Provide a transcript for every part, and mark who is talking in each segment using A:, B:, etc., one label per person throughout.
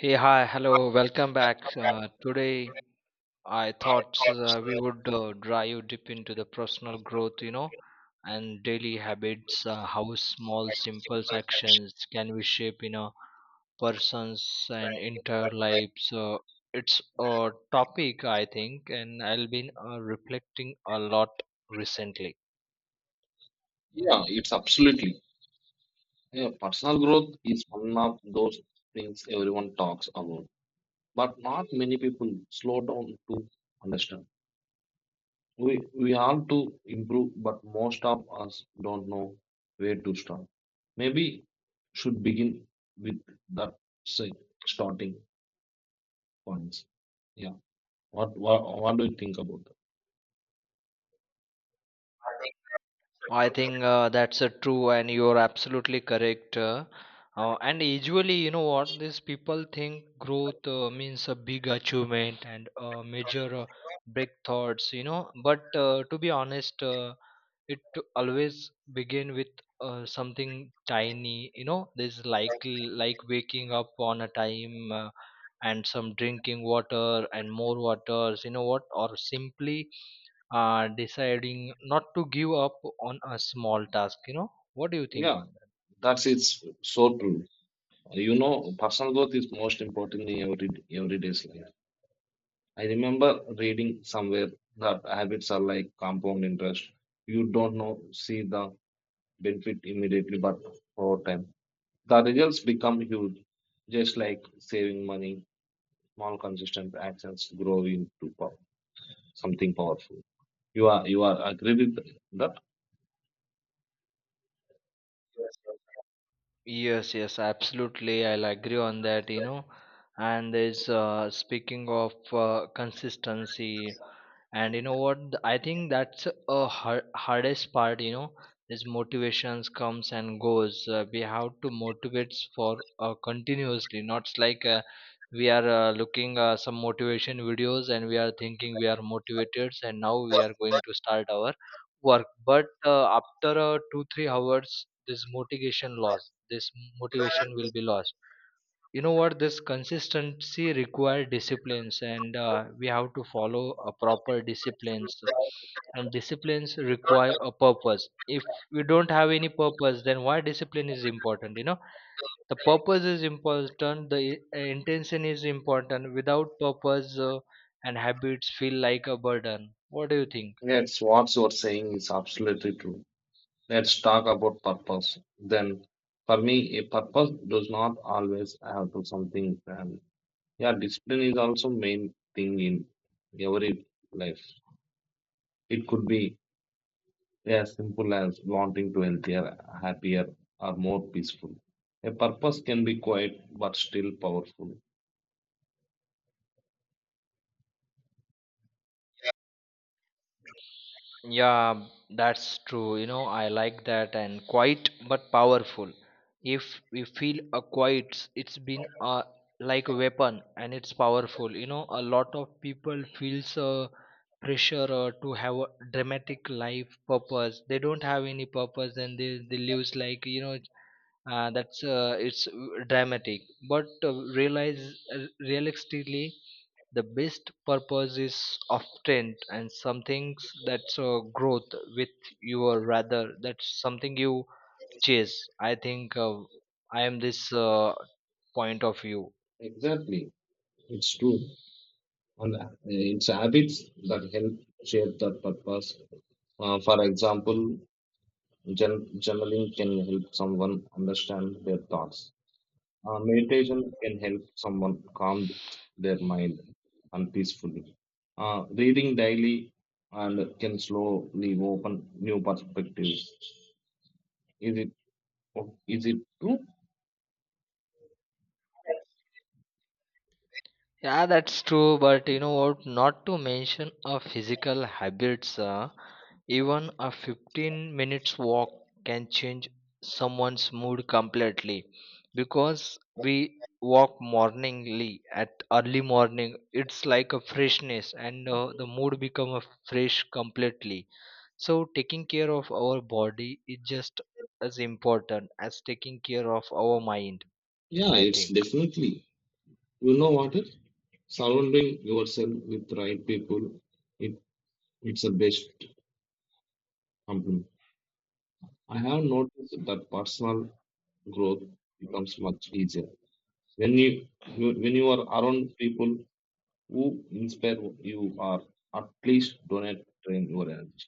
A: Hey, hi, hello, welcome back. Today, I thought we would dive deep into the personal growth, and daily habits, how small, simple actions can we shape in a person's and entire life. So it's a topic, I think, and I've been reflecting a lot recently.
B: Yeah, it's absolutely. Yeah, personal growth is one of those things everyone talks about, but not many people slow down to understand. We have to improve, but most of us don't know where to start. Maybe should begin with that say, starting points. Yeah, what do you think about that?
A: I think that's true, and you're absolutely correct. And usually, you know what, these people think growth means a big achievement and major breakthroughs. But to be honest, it to always begin with something tiny, you know, this, like waking up on a time, and some drinking water and more waters, you know what, or simply deciding not to give up on a small task. You know what, do you think
B: Yeah,
A: on that?
B: that's it's so true. You know, personal growth is most important in everyday's life. I remember reading somewhere that habits are like compound interest. You don't know, see the benefit immediately, but over time, the results become huge. Just like saving money, small consistent actions grow into power, something powerful. You are agree with that?
A: Yes, yes, absolutely. I'll agree on that. And there's speaking of consistency, and you know what? I think that's a hardest part, you know, is motivations comes and goes. We have to motivate for continuously, not like, we are looking some motivation videos, and we are thinking we are motivated, and now we are going to start our work, but after 2 3 hours, this motivation loss. This motivation will be lost. You know what, this consistency require disciplines, and we have to follow a proper disciplines, and disciplines require a purpose. If we don't have any purpose, then why discipline is important? You know, the purpose is important. The intention is important. Without purpose, and habits feel like a burden. What do you think?
B: Yes, what you are saying is absolutely true. Let's talk about purpose. Then, for me, a purpose does not always have to something grand. Yeah, discipline is also main thing in every life. It could be as simple as wanting to healthier, happier, or more peaceful. A purpose can be quiet but still powerful.
A: Yeah, that's true. You know, I like that, and quiet but powerful. If we feel a quiet, it's been a like a weapon and it's powerful. You know, a lot of people feels a pressure to have a dramatic life purpose. They don't have any purpose, and they lives like, you know, that's it's dramatic. But realize realistically the best purpose is often and some things that's growth with your, rather that's something you chase. I think, I am this point of view.
B: Exactly, it's true. And it's habits that help shape that purpose. For example, journaling can help someone understand their thoughts. Meditation can help someone calm their mind and peacefully. Reading daily and can slowly open new perspectives. Is it is it true?
A: Yeah, that's true, but you know what? Not to mention a physical habits, even a 15 minutes walk can change someone's mood completely, because we walk morningly at early morning, it's like a freshness, and the mood become a fresh completely. So taking care of our body is just as important as taking care of our mind,
B: Yeah,
A: I
B: it's
A: think.
B: definitely. You know what? It, surrounding yourself with right people, it it's the best compliment. I have noticed that personal growth becomes much easier when when you are around people who inspire you or at least donate train your energy.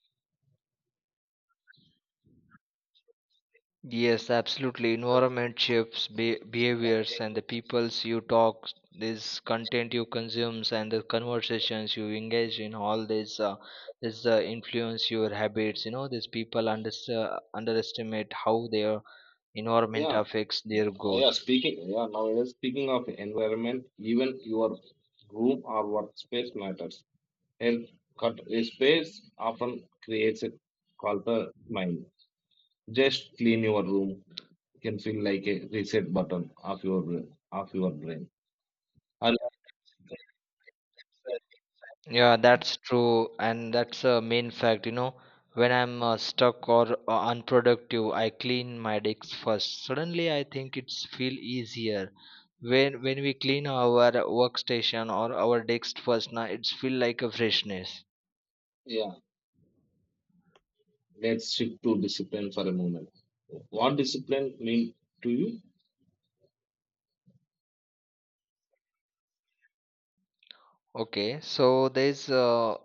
A: Yes, absolutely. Environment shifts behaviors, and the peoples you talk, this content you consumes, and the conversations you engage in. All this, influence your habits. You know, these people underestimate how their environment
B: Yeah,
A: affects their
B: yeah.
A: growth.
B: Speaking, yeah. Nowadays, speaking of environment, even your room or workspace matters. And cut a space often creates a clutter mind. Just clean your room can feel like a reset button of your brain. And
A: Yeah, that's true, and that's a main fact. You know, when I'm stuck or unproductive, I clean my decks first. Suddenly, I think it's feel easier. When we clean our workstation or our decks first, now it's feel like a freshness.
B: yeah, let's shift to discipline for a moment. What discipline mean to you?
A: Okay, so there's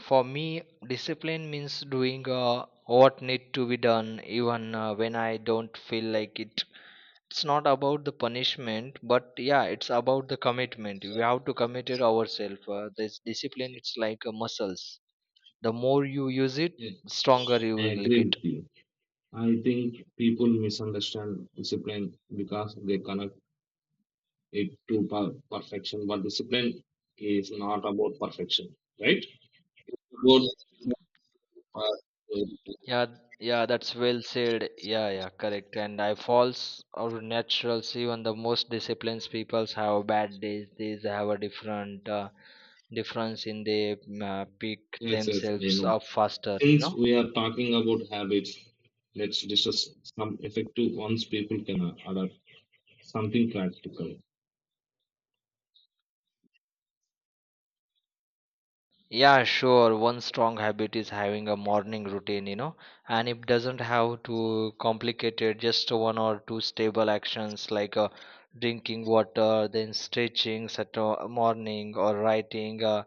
A: for me, discipline means doing what need to be done, even when I don't feel like it. It's not about the punishment, but yeah, it's about the commitment. We have to commit it ourselves. This discipline, it's like a muscles. The more you use it, the
B: Yes,
A: stronger you
B: I
A: will
B: agree
A: get.
B: with you. I think people misunderstand discipline because they connect it to perfection, but discipline is not about perfection, right? About uh,
A: Yeah, yeah, that's well said. Yeah, yeah, correct. And I falls or naturals. Even the most disciplined peoples have bad days. They have a different difference in they, pick
B: yes, yes, I
A: themselves
B: know.
A: up faster. You
B: Since
A: know.
B: we are talking about habits, let's discuss some effective ones people can adapt. Something practical.
A: Yeah, sure. One strong habit is having a morning routine, you know, and it doesn't have to complicated, just one or two stable actions like, drinking water, then stretching at a morning, or writing uh,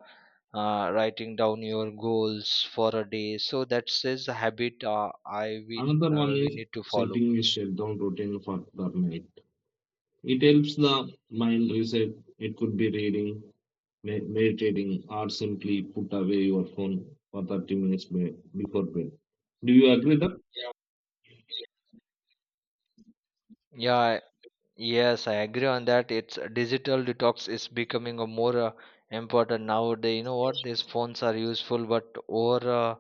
A: uh, writing down your goals for a day. So that is a habit, uh, I we,
B: Another one
A: uh, we
B: is
A: need to follow.
B: setting a shutdown routine for the night. It helps the mind reset. It could be reading, meditating, or simply put away your phone for 30 minutes before bed. Do you agree that?
A: Yeah, yes, I agree on that. It's digital detox is becoming a more important nowadays. You know what? These phones are useful, but over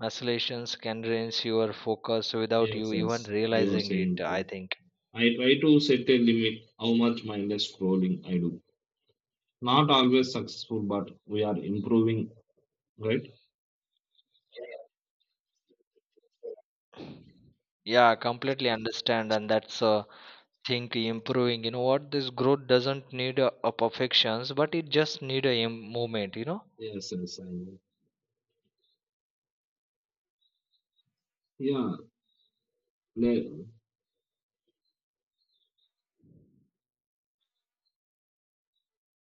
A: oscillations can drain your focus without you
B: Yes,
A: even
B: yes, you are
A: realizing it.
B: saying
A: I
B: true.
A: think.
B: I try to set a limit how much mindless scrolling I do. Not always successful, but we are improving, right?
A: Yeah, I completely understand, and that's, think improving. You know what? This growth doesn't need a perfections, but it just need a movement. You know.
B: Yes, yes, I know. Yeah, le-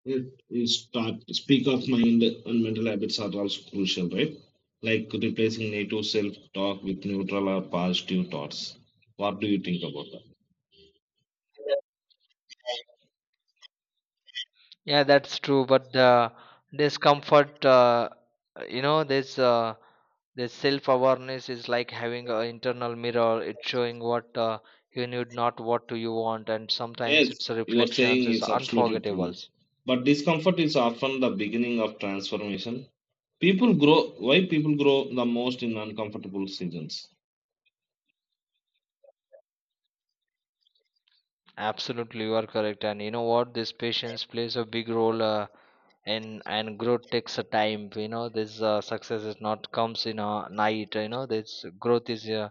B: yes, you start speak of mind and mental habits are also crucial, right? Like replacing native self-talk with neutral or positive thoughts. What do you think about that?
A: Yeah, that's true. But the discomfort, you know, this uh, this self awareness is like having an internal mirror. It's showing what you need, not what do you want. And sometimes
B: Yes,
A: it's
B: you are
A: reflections.
B: saying
A: It's
B: it's absolutely
A: unforgettable.
B: true. But discomfort is often the beginning of transformation. People grow why people grow the most in uncomfortable seasons.
A: Absolutely, you are correct. And you know what? This patience plays a big role. And growth takes a time. You know, this success is not comes in a night. You know, this growth is. Uh,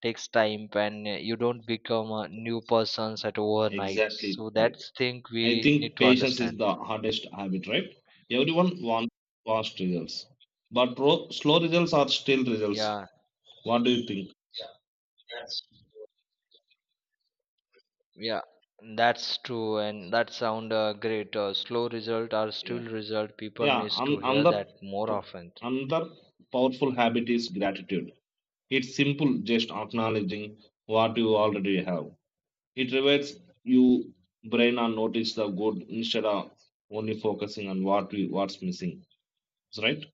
A: takes time, and you don't become a new persons at overnight.
B: Exactly
A: So
B: right.
A: that's thing
B: I
A: we need
B: think
A: to
B: patience is
A: understand.
B: the hardest habit, right? Everyone wants fast results. But slow results are still results.
A: Yeah,
B: What do you think?
A: yeah, that's true, and that sound great. Slow result or still
B: Yeah,
A: result, people
B: yeah.
A: needs to hear that more
B: P-
A: often.
B: another powerful habit is gratitude. It's simple, just acknowledging what you already have. It rewards you brain and notice the good instead of only focusing on what's missing. That's right?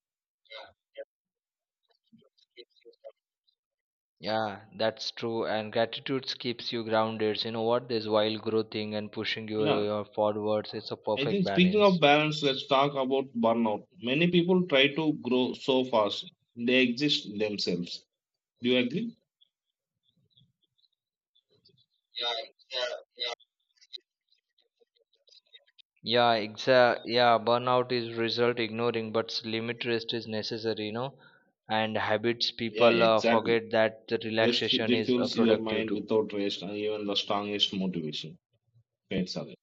A: Yeah, that's true, and gratitude keeps you grounded. You know what, this while growing and pushing you,
B: Yeah.
A: you forwards, it's a
B: I
A: perfect
B: think speaking of
A: balance.
B: balance, let's talk about burnout. Many people try to grow so fast they exist themselves. Do you agree?
A: Yeah, exact. Yeah, burnout is result ignoring, but limit rest is necessary, you know. And habits,
B: Yeah,
A: people
B: yeah, exactly.
A: forget that the
B: Rest
A: relaxation is
B: refuels your
A: productive
B: mind
A: too.
B: without rest and even the strongest motivation fades away.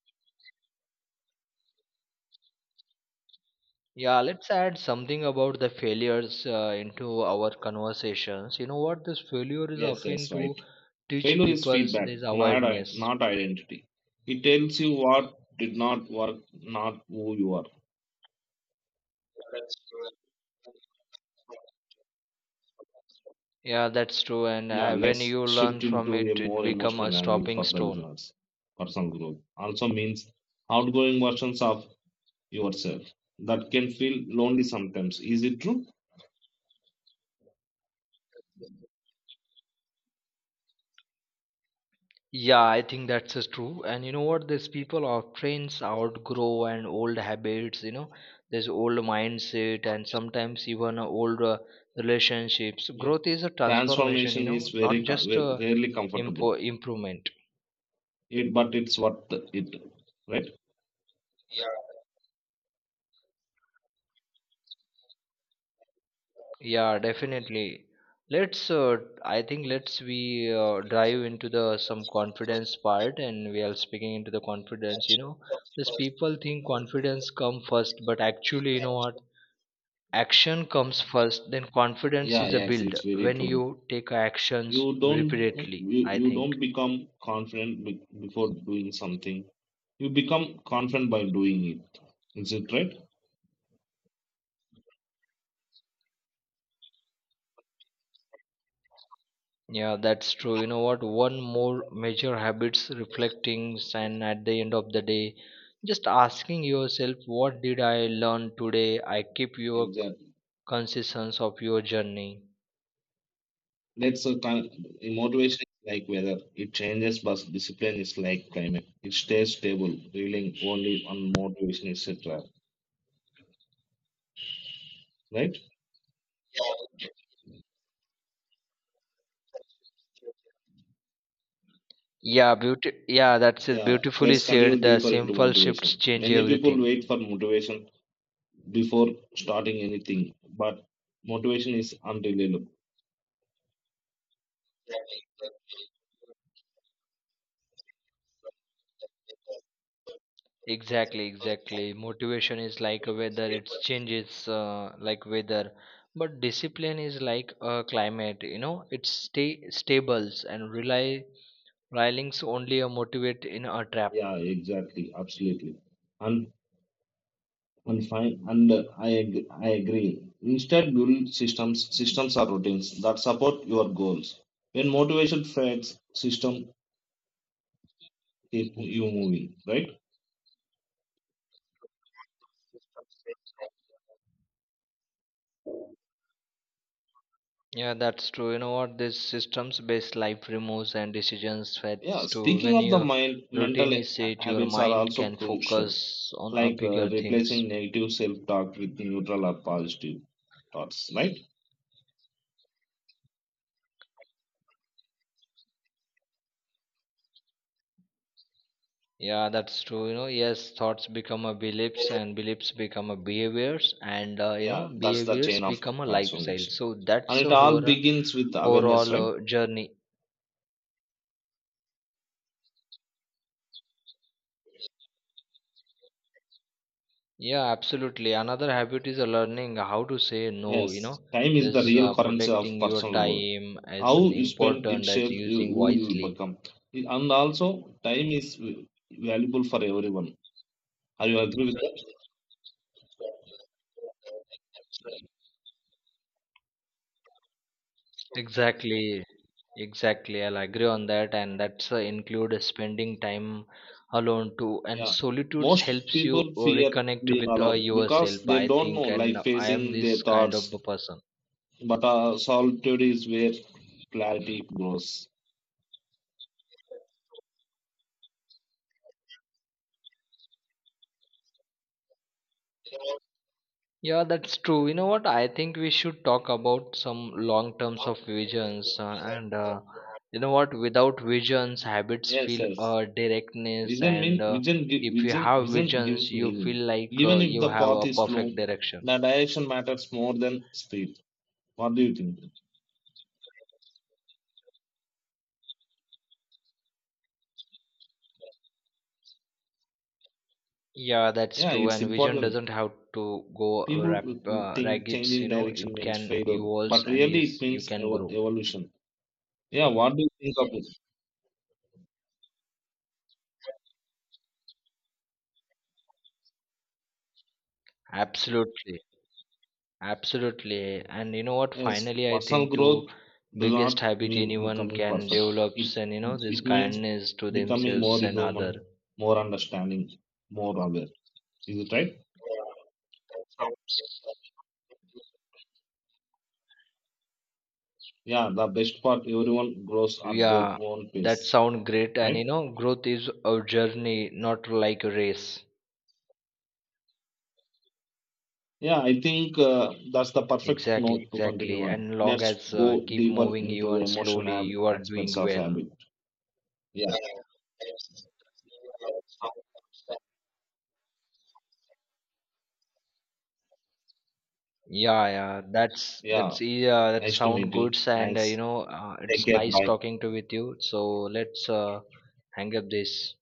A: Yeah, let's add something about the failures into our conversations. You know what? This failure is
B: Yes, yes,
A: often
B: right.
A: to teach
B: Failure is
A: people
B: feedback,
A: this awareness.
B: not identity. It tells you what did not work, not who you are.
A: Yeah, that's true. And
B: Yeah,
A: when
B: let's
A: you learn
B: shift
A: from
B: into a
A: it, it
B: more
A: become a
B: emotional angle
A: stopping
B: for the
A: stone.
B: listeners. Personal growth also means outgoing versions of yourself that can feel lonely sometimes. Is it true?
A: Yeah, I think that's just true. And you know what? These people of trains outgrow and old habits, you know, there's old mindset, and sometimes even old relationships.
B: Yeah.
A: Growth is a transformation, you
B: Transformation is
A: know, not just a
B: rarely comfortable,
A: improvement.
B: it, but it's worth it, right?
A: Yeah, definitely. Let's, I think let's we dive into the some confidence part, and we are speaking into the confidence. These people think confidence come first, but actually, you know what? Action comes first, then confidence
B: Yeah,
A: is a
B: yes,
A: build
B: it's very
A: when
B: true.
A: you take actions
B: You don't
A: repeatedly,
B: you,
A: I
B: you
A: think.
B: don't become confident before doing something. You become confident by doing it. Is it right?
A: Yeah, that's true. You know what, one more major habits reflecting, and at the end of the day, just asking yourself what did I learn today. I keep your
B: Exactly.
A: consistence of your journey.
B: That's a kind motivation is like weather. It changes, but discipline is like climate. It stays stable, relying only on motivation, etc. Right?
A: Yeah, beauty yeah, that's it
B: Yeah.
A: beautifully
B: Let's continue
A: said. The
B: deeper into
A: simple shifts
B: motivation.
A: change
B: Many people
A: everything.
B: wait for motivation before starting anything, but motivation is unreliable.
A: Exactly, exactly. Motivation is like a weather, it changes like weather. But discipline is like a climate, you know, it stay stables, and relying's only a motivate in a trap.
B: Yeah, exactly, absolutely. And and I agree. Instead, build systems. Systems are routines that support your goals. When motivation fades, system keep you moving. Right?
A: Yeah, that's true. You know what? This systems based life removes and decisions
B: Yeah.
A: fats to,
B: Speaking
A: when
B: of the
A: your
B: mind, mental
A: routine is set, your
B: habits are
A: mind
B: also
A: can
B: crucial,
A: focus on a
B: like
A: bigger things.
B: replacing negative self-talk with neutral or positive thoughts. Right?
A: Yeah, that's true. You know, yes, thoughts become a beliefs, and beliefs become a behaviors, and
B: Yeah, that's the
A: behaviors
B: chain of
A: become a lifestyle.
B: transformation,
A: So
B: and
A: that's
B: it
A: a
B: all
A: whole,
B: begins with awareness. Right?
A: overall journey. Yeah, absolutely. Another habit is learning how to say no, you
B: Yes,
A: know.
B: time is the
A: This
B: real currency of
A: protecting your
B: personal growth.
A: time as
B: How
A: an
B: you spend it
A: important as
B: shapes you,
A: using
B: who you
A: wisely.
B: become. And also, time is valuable for everyone. Are you agree with that?
A: Exactly. Exactly, I'll agree on that, and that's include spending time alone too. And
B: Yeah.
A: solitude
B: Most
A: helps you
B: people fear
A: reconnect
B: being
A: with
B: alone because
A: yourself,
B: they
A: I
B: don't know,
A: think. And
B: like
A: I am
B: facing their
A: this kind of
B: thoughts.
A: a person.
B: But solitude is where clarity grows.
A: Yeah, that's true. You know what? I think we should talk about some long terms of visions, and you know what? Without visions, habits
B: Yes,
A: feel
B: yes.
A: directness,
B: Vision mean
A: and
B: vision gi-
A: if you
B: vision
A: have
B: vision
A: visions,
B: gives
A: you
B: meaning.
A: feel like
B: Even if
A: you
B: the
A: have
B: path
A: a
B: is slow,
A: perfect direction.
B: the direction matters more than speed. What do you think?
A: Yeah, that's
B: Yeah,
A: true.
B: it's
A: And vision
B: important.
A: doesn't have to go
B: People think
A: ragged,
B: changing
A: you know,
B: direction
A: it
B: means
A: can
B: failure,
A: evolve,
B: but
A: and
B: really it
A: is you
B: means
A: can grow.
B: evolution. Yeah, what do you think of it?
A: Absolutely. Absolutely. And you know what?
B: Yes,
A: Finally, I
B: personal
A: think to
B: growth does not
A: biggest habit
B: mean
A: anyone
B: becoming
A: can
B: perfect.
A: develop,
B: It
A: and you know, this
B: it means
A: kindness to
B: becoming more
A: themselves and other.
B: human, more understanding, more aware. Is it right? Yeah, the best part, everyone grows at their
A: Yeah,
B: own
A: that
B: pace,
A: sound great. And
B: right?
A: you know, growth is a journey, not like a race.
B: Yeah, I think that's the perfect
A: Exactly,
B: note to continue
A: exactly.
B: on.
A: And long
B: Let's
A: as
B: go
A: keep
B: deeper
A: moving
B: into the
A: even
B: emotional
A: slowly, you are doing
B: aspects of
A: well.
B: habit. Yeah.
A: Yeah, yeah, that's
B: Yeah.
A: that's yeah, that
B: Nice to
A: sound
B: meet you.
A: good, and
B: Thanks. Take
A: it's
B: care.
A: nice
B: Bye.
A: talking to with you. So let's, hang up this.